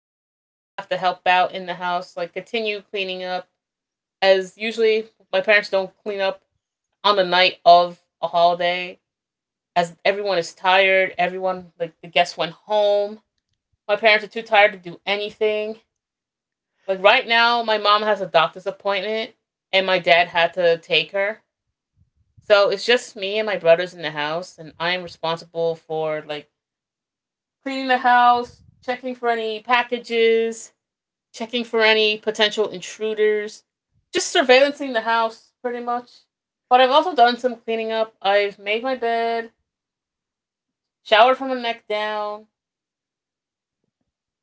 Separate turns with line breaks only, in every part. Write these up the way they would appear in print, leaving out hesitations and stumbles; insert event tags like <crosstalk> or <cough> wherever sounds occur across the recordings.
I will have to help out in the house, like continue cleaning up, as usually my parents don't clean up on the night of a holiday as everyone is tired, everyone like the guests went home. My parents are too tired to do anything. Like right now, my mom has a doctor's appointment and my dad had to take her. So it's just me and my brothers in the house, and I am responsible for like cleaning the house, checking for any packages, checking for any potential intruders, just surveillancing the house pretty much. But I've also done some cleaning up. I've made my bed, showered from the neck down,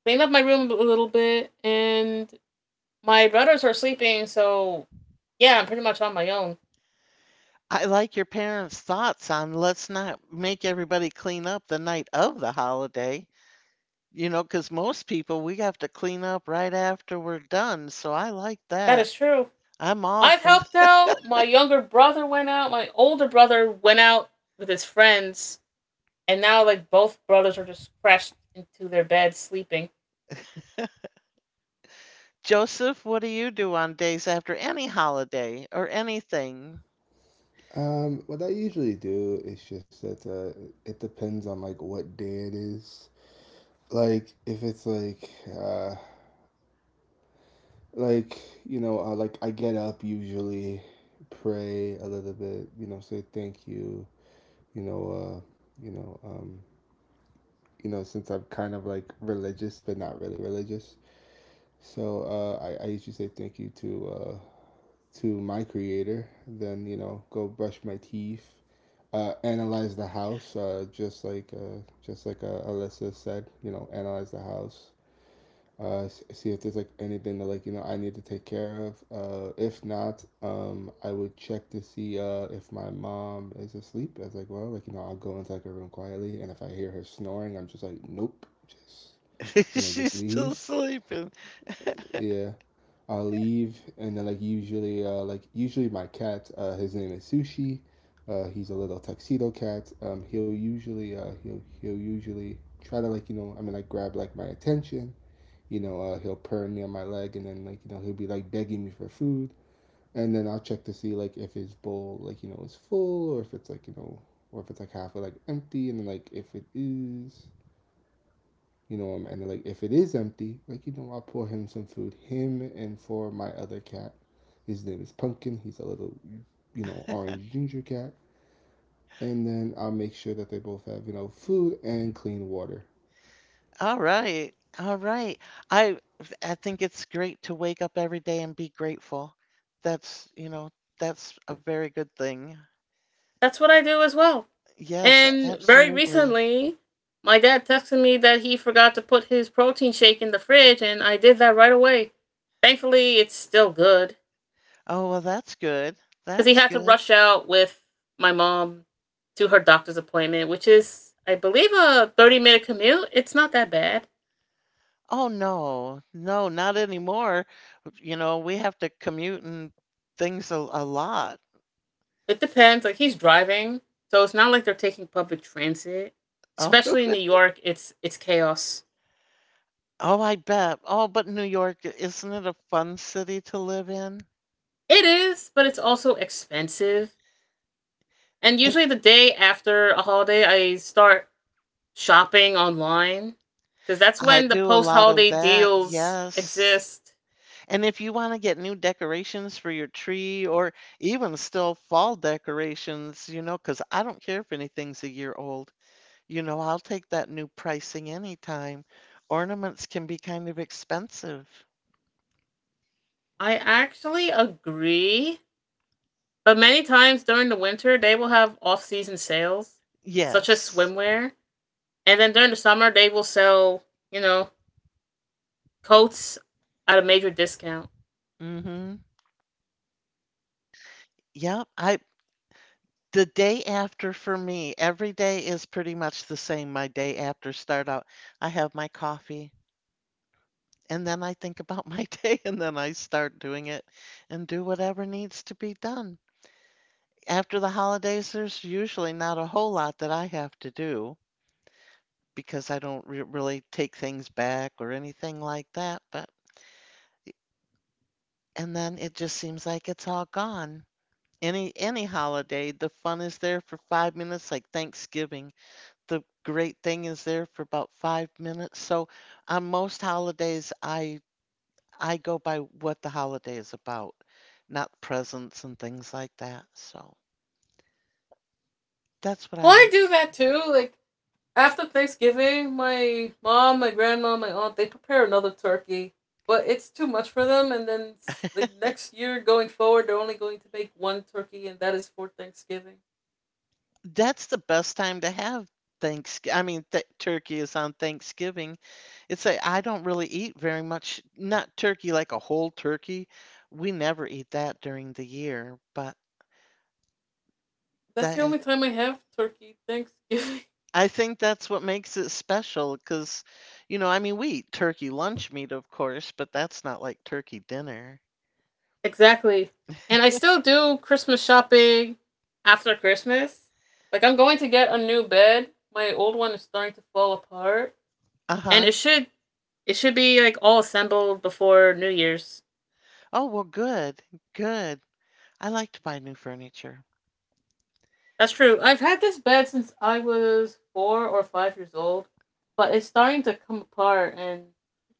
cleaned up my room a little bit, and my brothers are sleeping, so yeah, I'm pretty much on my own.
I like your parents' thoughts on let's not make everybody clean up the night of the holiday, because most people we have to clean up right after we're done. So I like
That
that.
is true.
I'm all
I've
for
helped out. My younger brother went out. My older brother went out with his friends, and now like both brothers are just crashed into their beds sleeping.
Joseph, what do you do on days after any holiday or anything?
What I usually do is just that, it depends on like what day it is. Like if it's like, uh like like I get up usually, pray a little bit, you know, say thank you, you know, uh, you know, um, since I'm kind of like religious but not really religious, so I usually say thank you to my creator, then you know go brush my teeth, analyze the house, just like just like Alyssa said, you know, analyze the house, uh, see if there's like anything that like you know I need to take care of. If not, I would check to see if my mom is asleep. As like, well, like you know, I'll go into like a room quietly, and if I hear her snoring, I'm just like, nope, just
<laughs>
you know,
She's
just
still
leave.
sleeping.
Yeah, I'll leave, and then like usually my cat, his name is Sushi. He's a little tuxedo cat. He'll usually, he'll usually try to like you know, I mean like grab like my attention. You know, he'll purr near my leg, and then like you know he'll be like begging me for food, and then I'll check to see like if his bowl like you know is full or if it's like you know or if it's like halfway like empty, and then like if it is, and like if it is empty, like you know, I'll pour him some food. Him and for my other cat, his name is Pumpkin. He's a little, you know, orange ginger cat. And then I'll make sure that they both have you know food and clean water.
All right. All right. I I think it's great to wake up every day and be grateful. That's, you know, that's a very good thing.
That's what I do as well.
Yes,
And very
absolutely.
recently, my dad texted me that he forgot to put his protein shake in the fridge, and I did that right away. Thankfully, it's still good,
Oh, well, that's good.
because he
That's
had to
good.
rush out with my mom to her doctor's appointment, which is, I believe, a 30-minute commute. It's not that bad.
Oh, no. No, not anymore. You know, we have to commute and things a lot.
It depends. Like, he's driving, so it's not like they're taking public transit.
Oh,
Especially in New York, it's chaos.
Oh, I bet. Oh, but New York, isn't it a fun city to live in?
It is, but it's also expensive. And
And
usually the day after a holiday, I start shopping online because that's
I
when the
do a
post
lot of
holiday
that,
deals
yes.
exist.
And if you want to get new decorations for your tree or even still fall decorations, because I don't care if anything's a year old, I'll take that new pricing anytime. Ornaments can be kind of expensive.
I actually agree. But many times during the winter, they will have off season sales, such as
Yes.
swimwear. And then during the summer, they will sell, you know, coats at a major discount.
Mm-hmm. Yep. I The day after for me, every day is pretty much the same. My day after start out, I have my coffee and then I think about my <laughs> day and then I start doing it and do whatever needs to be done. After the holidays, there's usually not a whole lot that I have to do because I don't re really take things back or anything like that, but and then it just seems like it's all gone. Any holiday, the fun is there for 5 minutes, like Thanksgiving. The great thing is there for about 5 minutes. So on most holidays, I go by what the holiday is about, not presents and things like that. So that's what I
Well, I
like
do
to
that too. Like, after Thanksgiving, my mom, my grandma, my aunt, they prepare another turkey, but it's too much for them. And then, like, next year going forward, they're only going to make one turkey, and that is for Thanksgiving.
do. That's the best time to have Thanksgiving. I mean, th turkey is on Thanksgiving. I don't really eat very much, not turkey like a whole turkey. We never eat that during the year, but
That's the
that
only time I have turkey, Thanksgiving. <laughs>
I think that's what makes it special because, I mean, we eat turkey lunch meat, of course, but that's not like turkey dinner.
Exactly. And I still do Christmas shopping after Christmas. Like I'm going to get a new bed. My old one is starting to fall apart. And
Uh-huh.
it should be like all assembled before New Year's.
Oh, well, good. Good. I like to buy new furniture.
That's true. I've had this bed since I was 4 or 5 years old. But it's starting to come apart and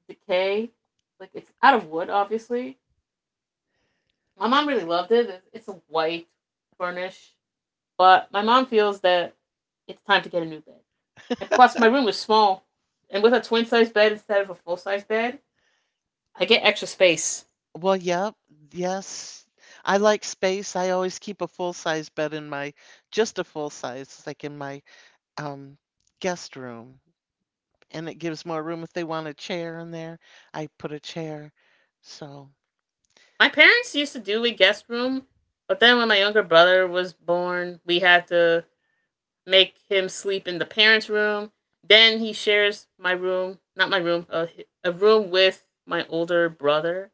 decay. Like it's out of wood obviously. My mom really loved it. It's a white furnish. But my mom feels that it's time to get a new bed. And plus, my room was small, and with a twin size bed instead of a full size bed, I get extra space.
Well, yep. Yes. I like space. I always keep a full-size bed in just a full size, like in my um guest room. And it gives more room if they want a chair in there. I put a chair. So,
My parents used to do a guest room, but then when my younger brother was born, we had to make him sleep in the parents' room. Then he shares my room, not my room, a room with my older brother.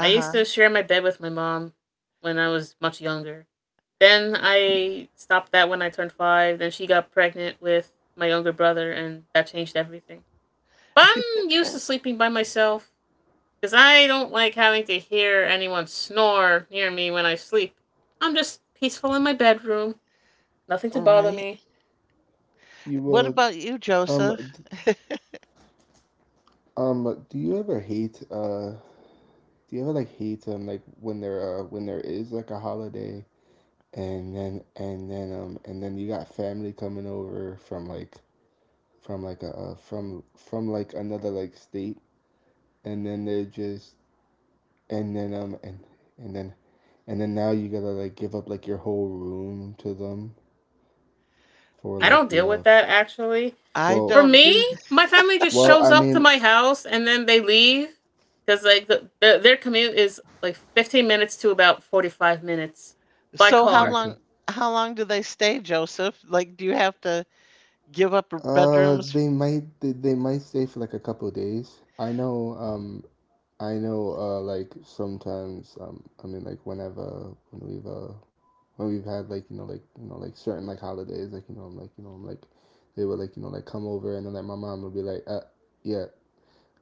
I used to share my bed with my mom when I was much younger. Then I stopped that when I turned five. Then she got pregnant with my younger brother, and that changed everything. But I'm used to
<laughs>
sleeping by myself because I don't like having to hear anyone snore near me when I sleep. I'm just peaceful in my bedroom, nothing to bother
Right.
me.
You
What
would
about you,
um
Joseph?
d- do you ever hate do you ever like hate like when there is like a holiday and then you got family coming over from like a, from like another like state and then they just and then um and and then and then now you gotta like give up like your whole room to them for
I
like
don't
the
deal
uh
with
f-
that actually.
I
For
Well,
don't
me,
do
my family just shows
I
up to
mean,
my house and then they leave because like their commute is like 15 minutes to about 45 minutes by
so
car.
okay.
how long do they stay, Joseph? Like do you have to give up bedrooms?
They might they might stay for like a couple of days I know. I know like sometimes I mean like whenever when we've had like you know like you know like certain like holidays like you know I'm like you know I'm like they would like you know like come over and then like my mom would be like yeah,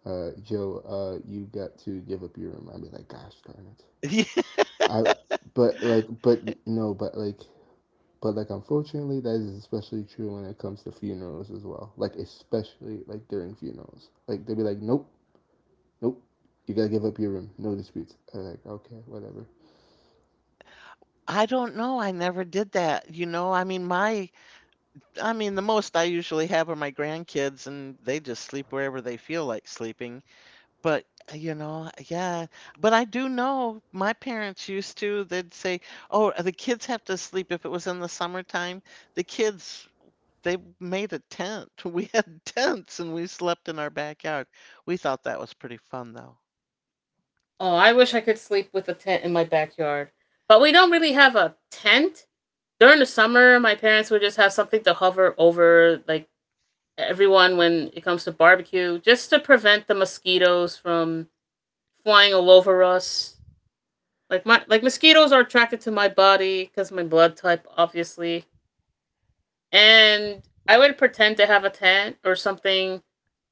Joe, you got to give up your room. I'd be like, gosh darn it.
<laughs>
I, but like, but no, but like, unfortunately, that is especially true when it comes to funerals as well. Like, especially like during funerals, like they'd be like, nope, nope, you gotta give up your room. No disputes. I'm like, okay, whatever.
I don't know. I never did that. You know, I mean my I mean the most I usually have are my grandkids and they just sleep wherever they feel like sleeping. But yeah. But I do know my parents used to, they'd say, "Oh, the kids have to sleep if it was in the summertime. The kids They made a tent. <laughs> We had tents and we slept in our backyard. We thought that was pretty fun though.
Oh, I wish I could sleep with a tent in my backyard. But we don't really have a tent. During the summer, my parents would just have something to hover over, like everyone when it comes to barbecue, just to prevent the mosquitoes from flying all over us. Like my like mosquitoes are attracted to my body because of my blood type, obviously. And I would pretend to have a tent or something,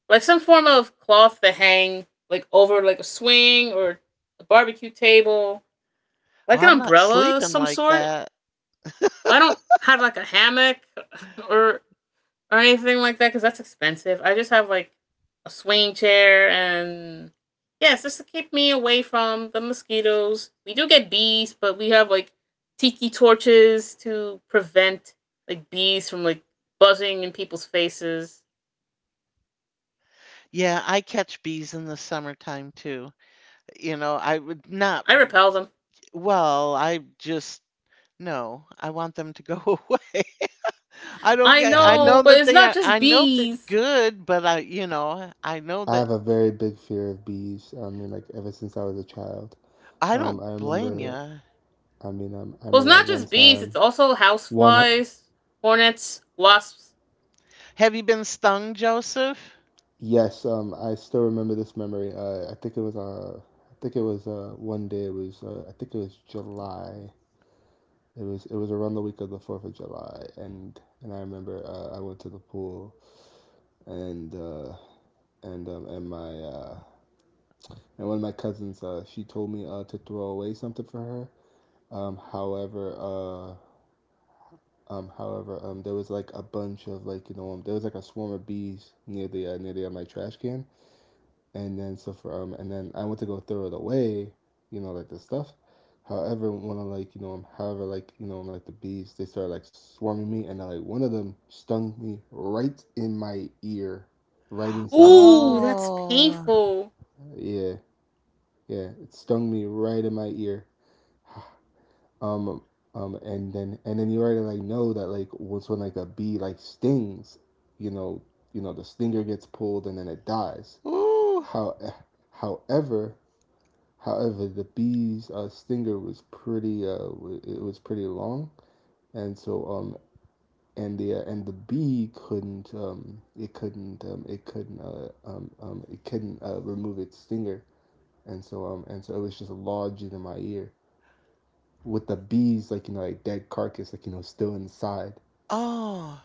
like some form of cloth to hang like over like a swing or a barbecue table
Oh,
like an
I'm not
umbrella of
sleeping
some
like
sort.
that.
I don't have like a hammock or or anything like that because that's expensive. I just have like a swinging chair and yes, just to keep me away from the mosquitoes. We do get bees, but we have like tiki torches to prevent like bees from like buzzing in people's faces.
Yeah, I catch bees in the summertime too. You know, I would not,
I repel them.
well, I just, no, I want them to go <laughs> away. I don't
I
get,
I
I
have a,
know
know, but
that
it's
they
not
are,
just
I know they're
bees.
good, but I know
I
that
have a very big fear of bees. I mean, like ever since I was a child.
I don't
I
blame
remember.
you.
I mean, I
Well, it's
remember like
not
one
just bees,
time,
it's also
one
houseflies, hornets, wasps.
Have you been stung, Joseph?
yes, I still remember this memory. I think it was I think it was one day. It was I think it was July. It was around the week of the Fourth of July, and I remember I went to the pool, and uh, and um, and my uh, and one of my cousins, she told me to throw away something for her. Um, however, uh, however, there was like a bunch of like you know there was like a swarm of bees near the my trash can, and then I went to go throw it away, you know, like the stuff. However, one of like you know, however like you know, like the bees, they started like swarming me, and then, like one of them stung me right in my ear, right inside my
Ooh,
ear.
that's
Oh,
painful.
Yeah, yeah, it stung me right in my ear. <sighs> Um, and then you already like know that like once when like a bee like stings, you know, you know the stinger gets pulled and then it dies.
ooh,
How, eh, however, However, the bee's stinger was pretty, it was pretty long, and so um and the bee couldn't it couldn't it couldn't it couldn't remove its stinger, and so it was just lodged in my ear with the bees like you know like dead carcass like you know still inside.
oh.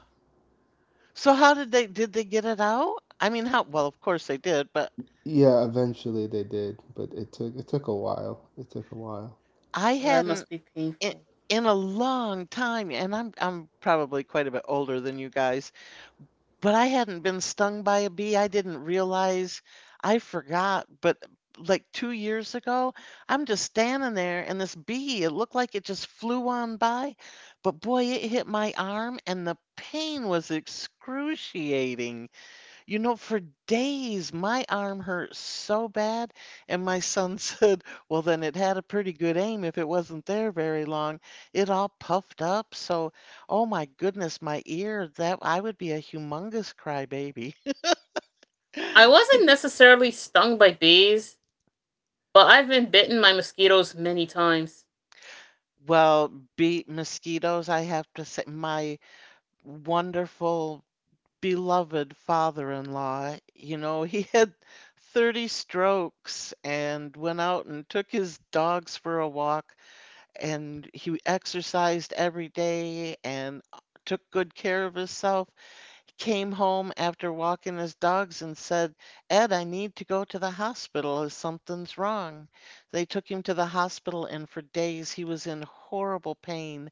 So how did they get it out? I mean, how well, of course they did, but
Yeah, eventually they did, but it took a while. It took a while.
I
Oh, that must
hadn't
be
in,
painful.
in a long time, and I'm probably quite a bit older than you guys, but I hadn't been stung by a bee. I didn't realize. I forgot, but like 2 years ago, I'm just standing there and this bee, it looked like it just flew on by, but boy, it hit my arm and the pain was excruciating. You know, for days my arm hurt so bad, and my son <laughs> said, "Well, then it had a pretty good aim if it wasn't there very long." It all puffed up, so oh my goodness, my ear, that I would be a humongous crybaby. <laughs>
I wasn't necessarily stung by bees, but I've been bitten by mosquitoes many times.
Well, beat mosquitoes, I have to say, my wonderful, beloved father-in-law, he <laughs> had 30 strokes and went out and took his dogs for a walk and he exercised every day and took good care of himself. Came home after walking his dogs and said, "Ed, I need to go to the hospital as something's wrong." They took him to the hospital, and for days he was in horrible pain.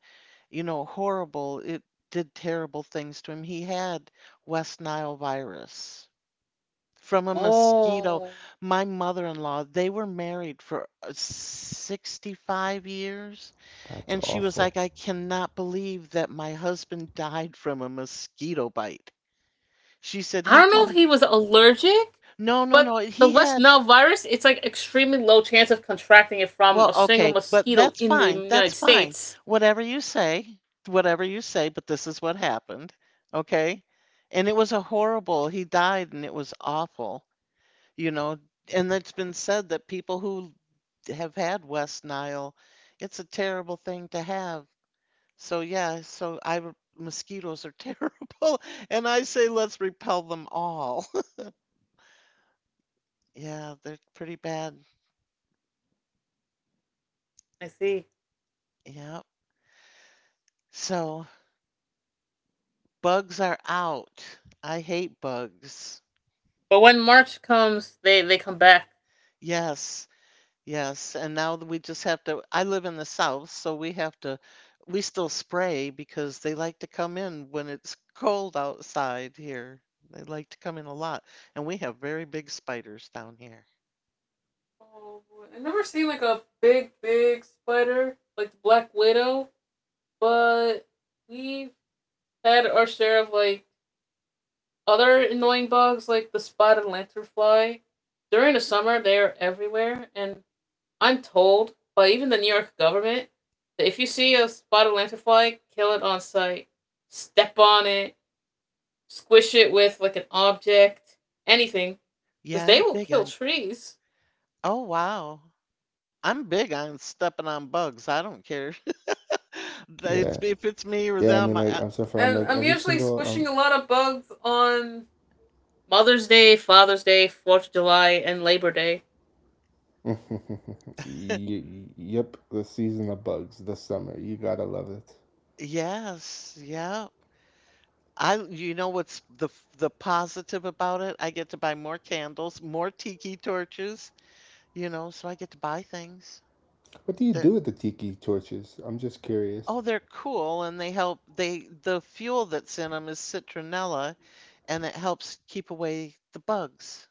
You know, horrible. It did terrible things to him. He had West Nile virus from a mosquito.
Oh.
My mother in law, they were married for 65 years.
That's
And she was
awful.
like, "I cannot believe that my husband died from a mosquito bite." She said,
I
he
don't
Yeah.
know if
died.
he was allergic,
No, no,
but
no.
the
He
West
had,
Nile virus, it's like extremely low chance of contracting it from
well,
a single
okay, but
mosquito
that's
in the
fine. That's
United
fine.
States.
Whatever you say, whatever you say, but this is what happened. Okay. And it was a horrible, he died and it was awful, you know. And it's been said that people who have had West Nile, it's a terrible thing to have. So yeah, so mosquitoes are <laughs> terrible, and I say let's repel them all. <laughs> Yeah, they're pretty bad.
I see.
Yeah. So bugs are out. I hate bugs.
But when March comes, they come back.
Yes, yes. And now that we just have to, I live in the south, so we have to, we still spray because they like to come in when it's cold outside here. They like to come in a lot, and we have very big spiders down here.
Oh, boy. I've never seen like a big, big spider, like the Black Widow, but we've had our share of like other annoying bugs, like the spotted lanternfly. During the summer, they are everywhere, and I'm told by even the New York government that if you see a spotted lanternfly, kill it on sight. Step on it, squish it with like an object, anything, because
Yeah,
they
I'm
will
big
kill
on,
trees.
oh wow. I'm big on stepping on bugs. I don't care. <laughs> That It's
Yeah.
if it's me or
Yeah, I
them.
mean, like, I'm so far, I'm
And
like,
I'm
every
usually
single,
squishing a lot of bugs on Mother's Day, Father's Day, Fourth of July, and Labor Day.
<laughs> y- y- yep, the season of bugs, the summer. You gotta love it.
Yes, yeah. I You know what's the positive about it? I get to buy more candles, more tiki torches, so I get to buy things
What do you
that
do with the tiki torches? I'm just curious.
Oh, they're cool and they help they the fuel that's in them is citronella and it helps keep away the bugs.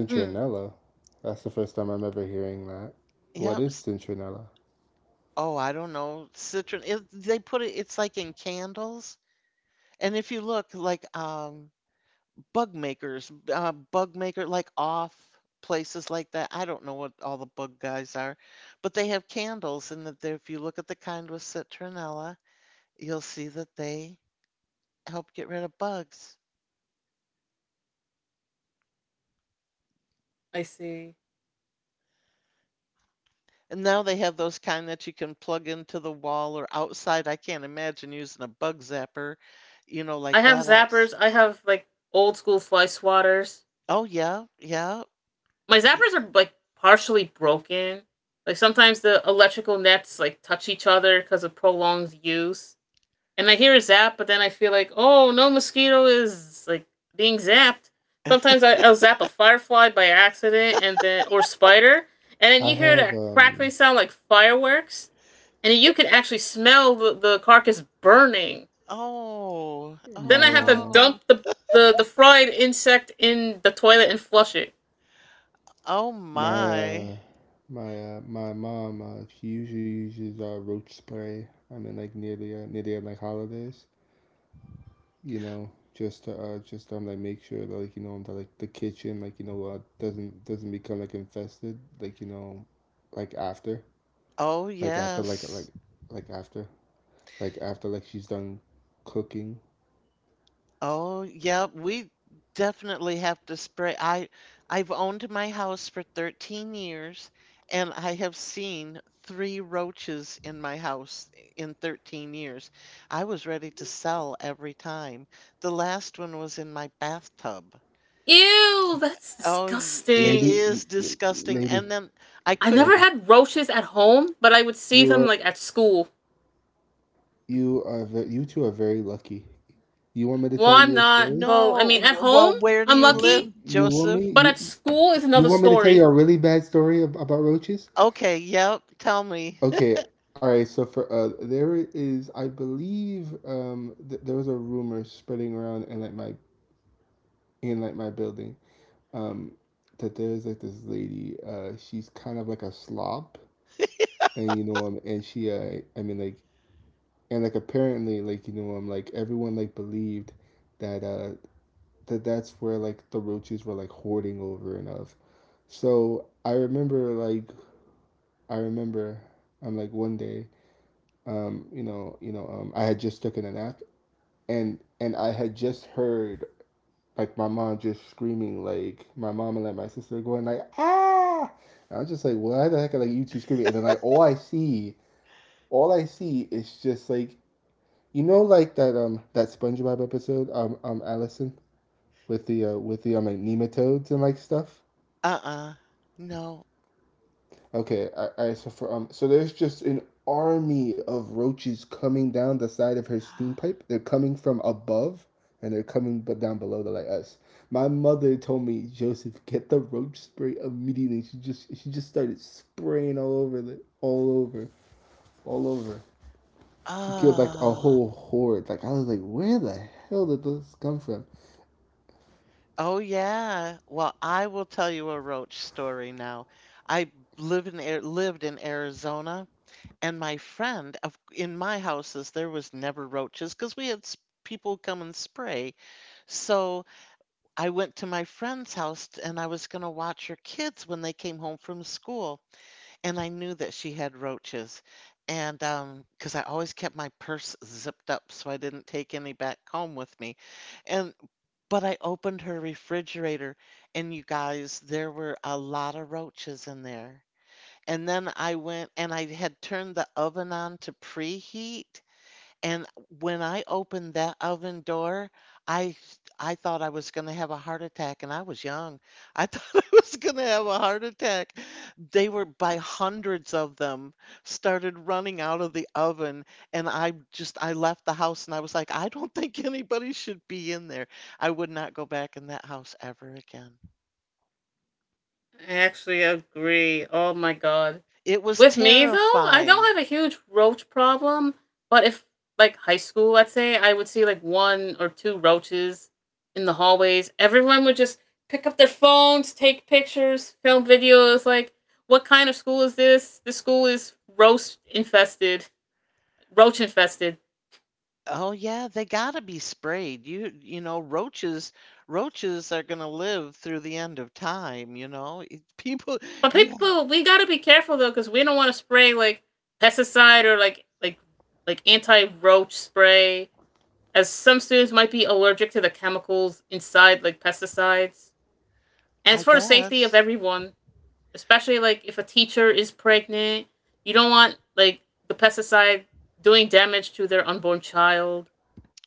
Mm-hmm.
That's the first time I'm ever hearing that. What
Yep.
is
s-
citronella?
Oh, I don't know. Citron it, they put it it's like in candles. And if you look like bug makers, bug maker like off places like that, I don't know what all the bug guys are, but they have candles and if you look at the kind with citronella, you'll see that they help get rid of bugs.
I see.
And now they have those kind that you can plug into the wall or outside. I can't imagine using a bug zapper,
I
like
have
that outs.
zappers. I have like old school fly swatters.
Oh yeah, yeah.
My zappers are like partially broken. Like sometimes the electrical nets like touch each other because of prolonged use. And I hear a zap, but then I feel like, oh, no mosquito is like being zapped. Sometimes I'll zap a firefly by accident and then or spider, and then
I
you hear
have
that crackling sound like fireworks, and you can actually smell the carcass burning.
Oh, oh
Then
my
I have to
no.
dump the fried insect in the toilet and flush it.
Oh
my
my.
my My mom she usually uses roach spray. I mean like near the, near the like holidays. You know, just to just like make sure that like you know that like the kitchen like you know doesn't become like infested like you know, like after
Oh,
like after like like
yes.
like after like after like she's done cooking.
Oh, yeah. We definitely have to spray. I've owned my house for 13 years and I have seen three roaches in my house in 13 years. I was ready to sell every time. The last one was in my bathtub.
Ew, that's
Oh, it
Lady,
disgusting.
is disgusting.
lady,
And then I
I
couldn't,
never
lady,
had roaches at home, but I would see
you
them
are
like at school.
you two are very lucky. You want me to
Well,
tell
I'm
you a
not.
story?
Well, I
no.
mean, at
Well,
home,
where do
I'm
you live,
lucky,
You, you want
Joseph?
me
but at
you
school is
you
another
want me to tell you
story.
a really bad story about roaches?
Okay, yep. Tell me.
Okay, all right. So for there is, I believe, there was a rumor spreading around in like my building, um, that there's like this lady. She's kind of like a slob, and you know, and she, I mean, like, and like apparently, like you know, like everyone like believed that that that's where like the roaches were like hoarding over and of. So I remember like I remember, I'm like one day. You know, you know, I had just taken a nap, and I had just heard like my mom just screaming like my mom and like my sister going like ah, and I was just like what the heck are like you two screaming, and then like all I see is just like you know like that that SpongeBob episode Allison with the like nematodes and like stuff.
<laughs> Uh-uh. No.
Okay, I so there's just an army of roaches coming down the side of her steam pipe. They're coming from above, and they're coming but down below to like us. My mother told me, Joseph, get the roach spray immediately. She just started spraying all over the all over. All over. She killed like a
Ah,
whole horde. Like I was like, where the hell did this come from?
oh yeah. Well, I will tell you a roach story now. I lived in Arizona, and my friend in my houses there was never roaches because we had people come and spray. So I went to my friend's house and I was going to watch her kids when they came home from school. And I knew that she had roaches. And because I always kept my purse zipped up so I didn't take any back home with me. And but I opened her refrigerator, and you guys, there were a lot of roaches in there. And then I went and I had turned the oven on to preheat, and when I opened that oven door, I thought I was gonna have a heart attack, and I was young. I thought <laughs> I was gonna have a heart attack. They were by hundreds of them started running out of the oven, and I left the house and I was like, "I don't think anybody should be in there. I would not go back in that house ever again."
I actually agree. Oh my god.
It was
With me though, I don't
terrifying.
have a huge roach problem, but if like high school, let's say, I would see like one or two roaches in the hallways. Everyone would just pick up their phones, take pictures, film videos. Like, what kind of school is this? This school is roach infested, roach infested.
Oh yeah, they gotta be sprayed. You know, roaches are gonna live through the end of time. <laughs> People,
But
you ha-
people, we gotta be careful though, because we don't want to spray like pesticide or like anti roach spray as some students might be allergic to the chemicals inside, like pesticides. And it's
I
for the safety of
guess.
everyone, especially like if a teacher is pregnant, you don't want like the pesticide doing damage to their unborn child.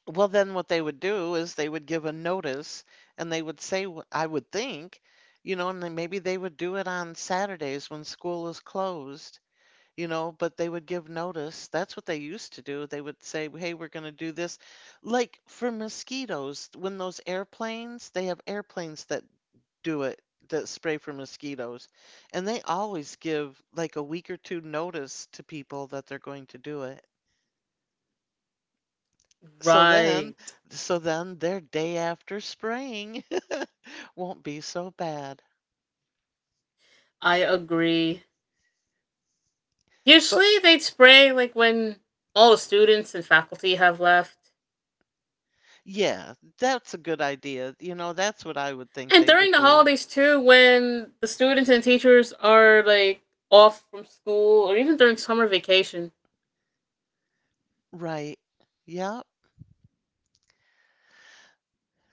Well, then what they would do is they would give a notice and they would say, I would think, and then maybe they would do it on Saturdays when school is closed, but they would give notice. That's what they used to do. They would say, "Hey, we're gonna do this." Like for mosquitoes, when those airplanes, they have airplanes that do it that spray for mosquitoes, and they always give like a week or two notice to people that they're going to do it. So then,
Right.
their day after spraying <laughs> won't be so bad.
I agree.
But
Usually they'd spray like when all the students and faculty have left.
yeah, that's a good idea. You know, that's what I would think
And
they
during
would
the
do.
holidays too, when the students and teachers are like off from school or even during summer vacation.
Right. Yep.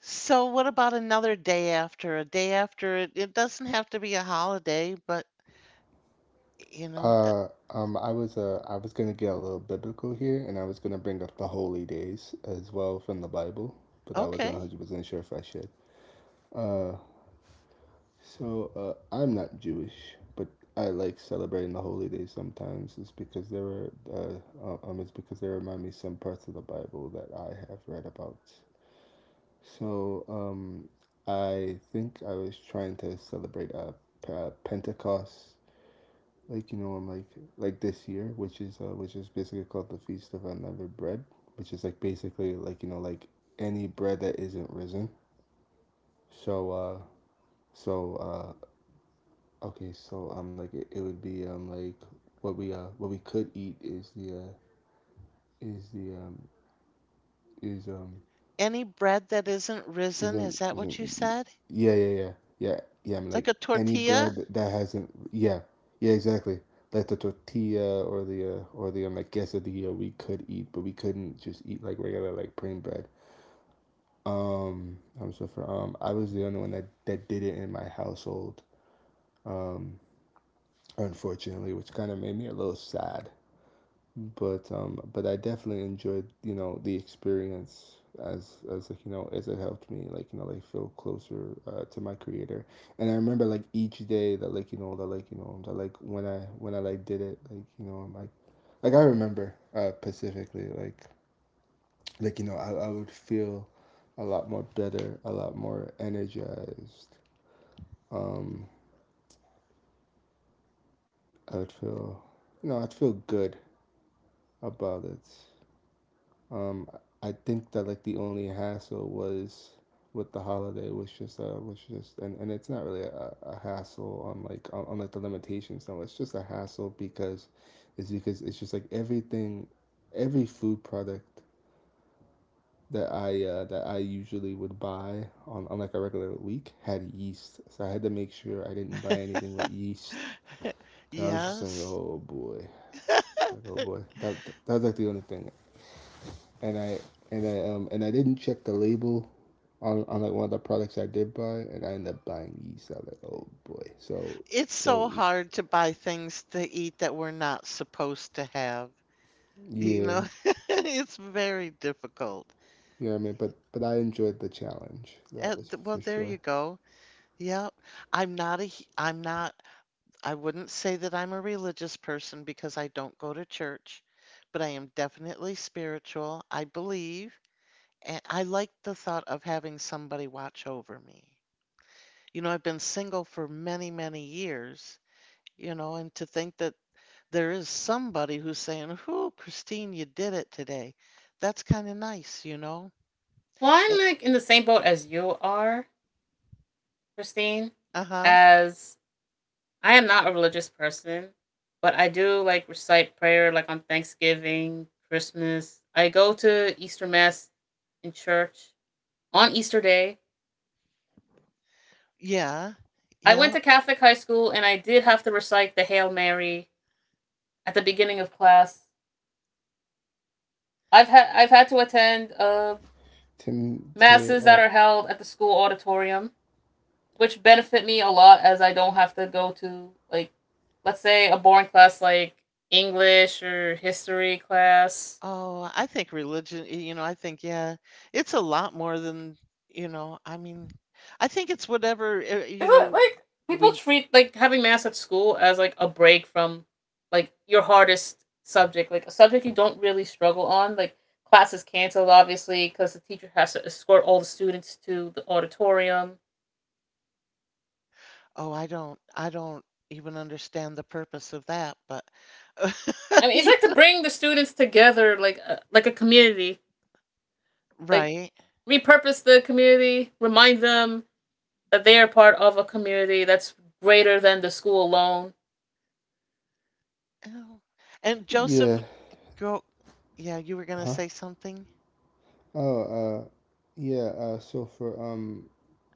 So what about another day after? A day after it doesn't have to be a holiday, but you know,
I was gonna get a little biblical here, and I was gonna bring up the holy days as well from the Bible, but I wasn't one
okay.
hundred percent sure if I should. Uh, I'm not Jewish, but I like celebrating the holy days sometimes. It's because there were it's because they remind me some parts of the Bible that I have read about. So, I think I was trying to celebrate Pentecost like you know I'm like this year, which is basically called the Feast of Unleavened Bread, which is like basically like you know like any bread that isn't risen. So uh so uh okay so like it would be like what we could eat is the is the is
Any bread that isn't risen, is that what you
isn't
said?
yeah yeah yeah yeah yeah I'm
Like
like
a
any
tortilla?
bread that that hasn't yeah yeah exactly like the tortilla or the like quesadilla we could eat but we couldn't just eat like regular like plain bread. I'm so for I was the only one that that did it in my household, um unfortunately, which kind of made me a little sad, but I definitely enjoyed you know the experience as like you know as it helped me like you know like feel closer to my creator, and I remember like each day that like you know that like you know that like when I like did it like you know I'm like I remember specifically like you know I would feel a lot more better, a lot more energized, um I would feel you know I'd feel good about it. Um, I think that like the only hassle was with the holiday was just and it's not really a hassle on like the limitations no it's just a hassle because it's just like everything every food product that I, that I usually would buy on like a regular week had yeast so I had to make sure I didn't buy anything with
<laughs>
yeast. 'Cause I was just like
Yes.
oh boy it's like oh boy that that was like the only thing, and I and I didn't check the label on like one of the products I did buy, and I ended up buying yeast. I was like, oh boy. So
It's
so
so hard to buy things to eat that we're not supposed to have. You
yeah,
know,
you
<laughs> it's very difficult.
know what I mean. But I enjoyed the challenge. That
Uh,
was
th- well,
for
there you
sure.
go. Yeah, I'm not am not, I wouldn't say that I'm a religious person because I don't go to church, but I am definitely spiritual. I believe, and I like the thought of having somebody watch over me. You know, I've been single for many, many years, you know, and to think that there is somebody who's saying, "Whoo, Christine, you did it today." That's kind of nice, you know?
Well,
Eh,
I'm like in the same boat as you are, Christine,
uh-huh.
as I am not a religious person, but I do like recite prayer like on Thanksgiving, Christmas. I go to Easter Mass in church on Easter Day.
Yeah.
I
Yeah.
went to Catholic high school and I did have to recite the Hail Mary at the beginning of class. I've had to attend
Tim to
masses that are held at the school auditorium, which benefit me a lot as I don't have to go to like, let's say a boring class like English or history class.
Oh, I think religion, you know, I think, yeah, it's a lot more than. You know, I mean, I think it's whatever, eh, you
Is it
know,
like people
we,
treat like having math at school as like a break from like your hardest subject, like a subject you don't really struggle on, like classes canceled obviously because the teacher has to escort all the students to the auditorium.
oh, I don't even understand the purpose of that, but, <laughs>
I mean, it's
yeah,
like to bring the students together, like like a community, like
right.
repurpose the community, remind them that they are part of a community that's greater than the school alone.
Oh. And Joseph
Yeah.
Girl, yeah, you were gonna
huh
say something?
oh uh yeah, so for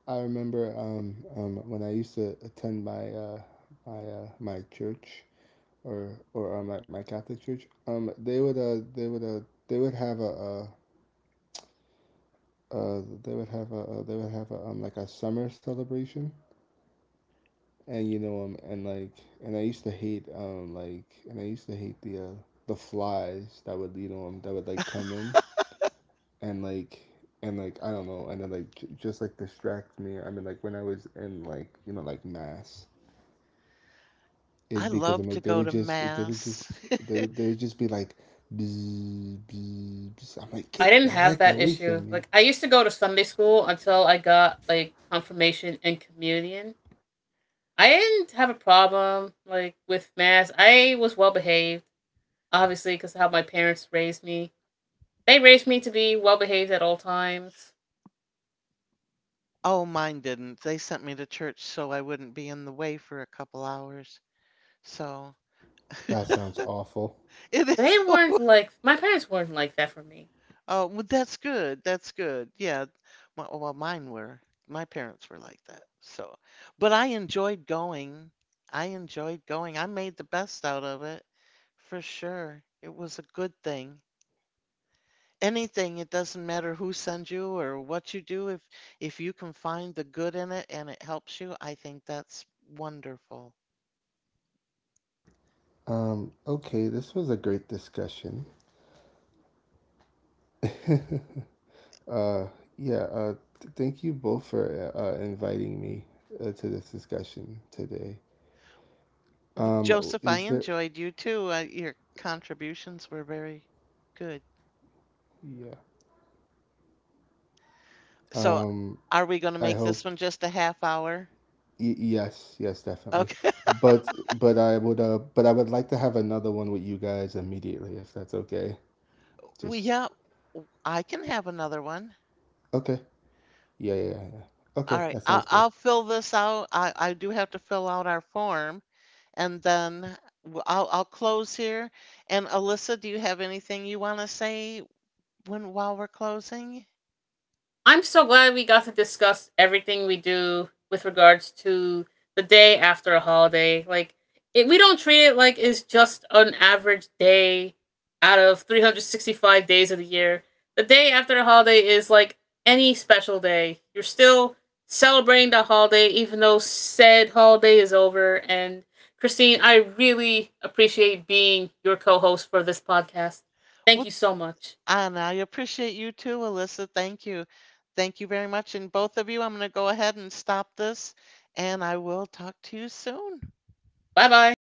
I remember when I used to attend my church or like my Catholic church, they would they would they would have a uh they would have a they would have a like a summer celebration, and you know and like and I used to hate like and I used to hate the flies that would you know that would like come in and like and like I don't know and then like just like distract me. I mean like when I was in like you know like mass. Is
I
because
love
I'm
to
like they
go
would
to
just they would
mass.
just they would just be like bzz, bzz, bzz. I'm like
I
get
didn't
the
have
heck
that
away
issue.
from me.
Like I used to go to Sunday school until I got like confirmation and communion. I didn't have a problem like with mass. I was well behaved, obviously, because of how my parents raised me. They raised me to be well behaved at all times.
Oh, mine didn't. They sent me to church so I wouldn't be in the way for a couple hours. So
That sounds awful.
it is.
They
<laughs>
weren't like my parents weren't like that for me.
Oh, well, that's good. That's good. Yeah. Well, mine were. My parents were like that. So, but I enjoyed going. I enjoyed going. I made the best out of it for sure. It was a good thing. Anything it doesn't matter who sends you or what you do. If you can find the good in it and it helps you, I think that's wonderful.
Okay, this was a great discussion. Uh, yeah, thank you both for inviting me to this discussion today.
Joseph, I
Is there,
enjoyed you too, your contributions were very good.
yeah,
So
um,
are we going to
I
make this
hope,
one just a half hour?
yes, yes, definitely.
Okay.
But I would like to have another one with you guys immediately, if that's okay.
<laughs> we
Just,
Yeah, I can have another one.
okay. Yeah, yeah, yeah. Yeah.
All
Okay,
right,
that
i'll,
sounds good.
I'll fill this out. I do have to fill out our form, and then I'll close here. And Alyssa, do you have anything you want to say when while we're closing?
I'm so glad we got to discuss everything we do with regards to the day after a holiday. Like, it, we don't treat it like it's just an average day out of 365 days of the year. The day after a holiday is like any special day. You're still celebrating the holiday, even though said holiday is over. And Christine, I really appreciate being your co host for this podcast. Thank
Well,
you so much.
and I appreciate you too, Alyssa. Thank you. Thank you very much. And both of you, I'm going to go ahead and stop this, and I will talk to you soon.
Bye bye.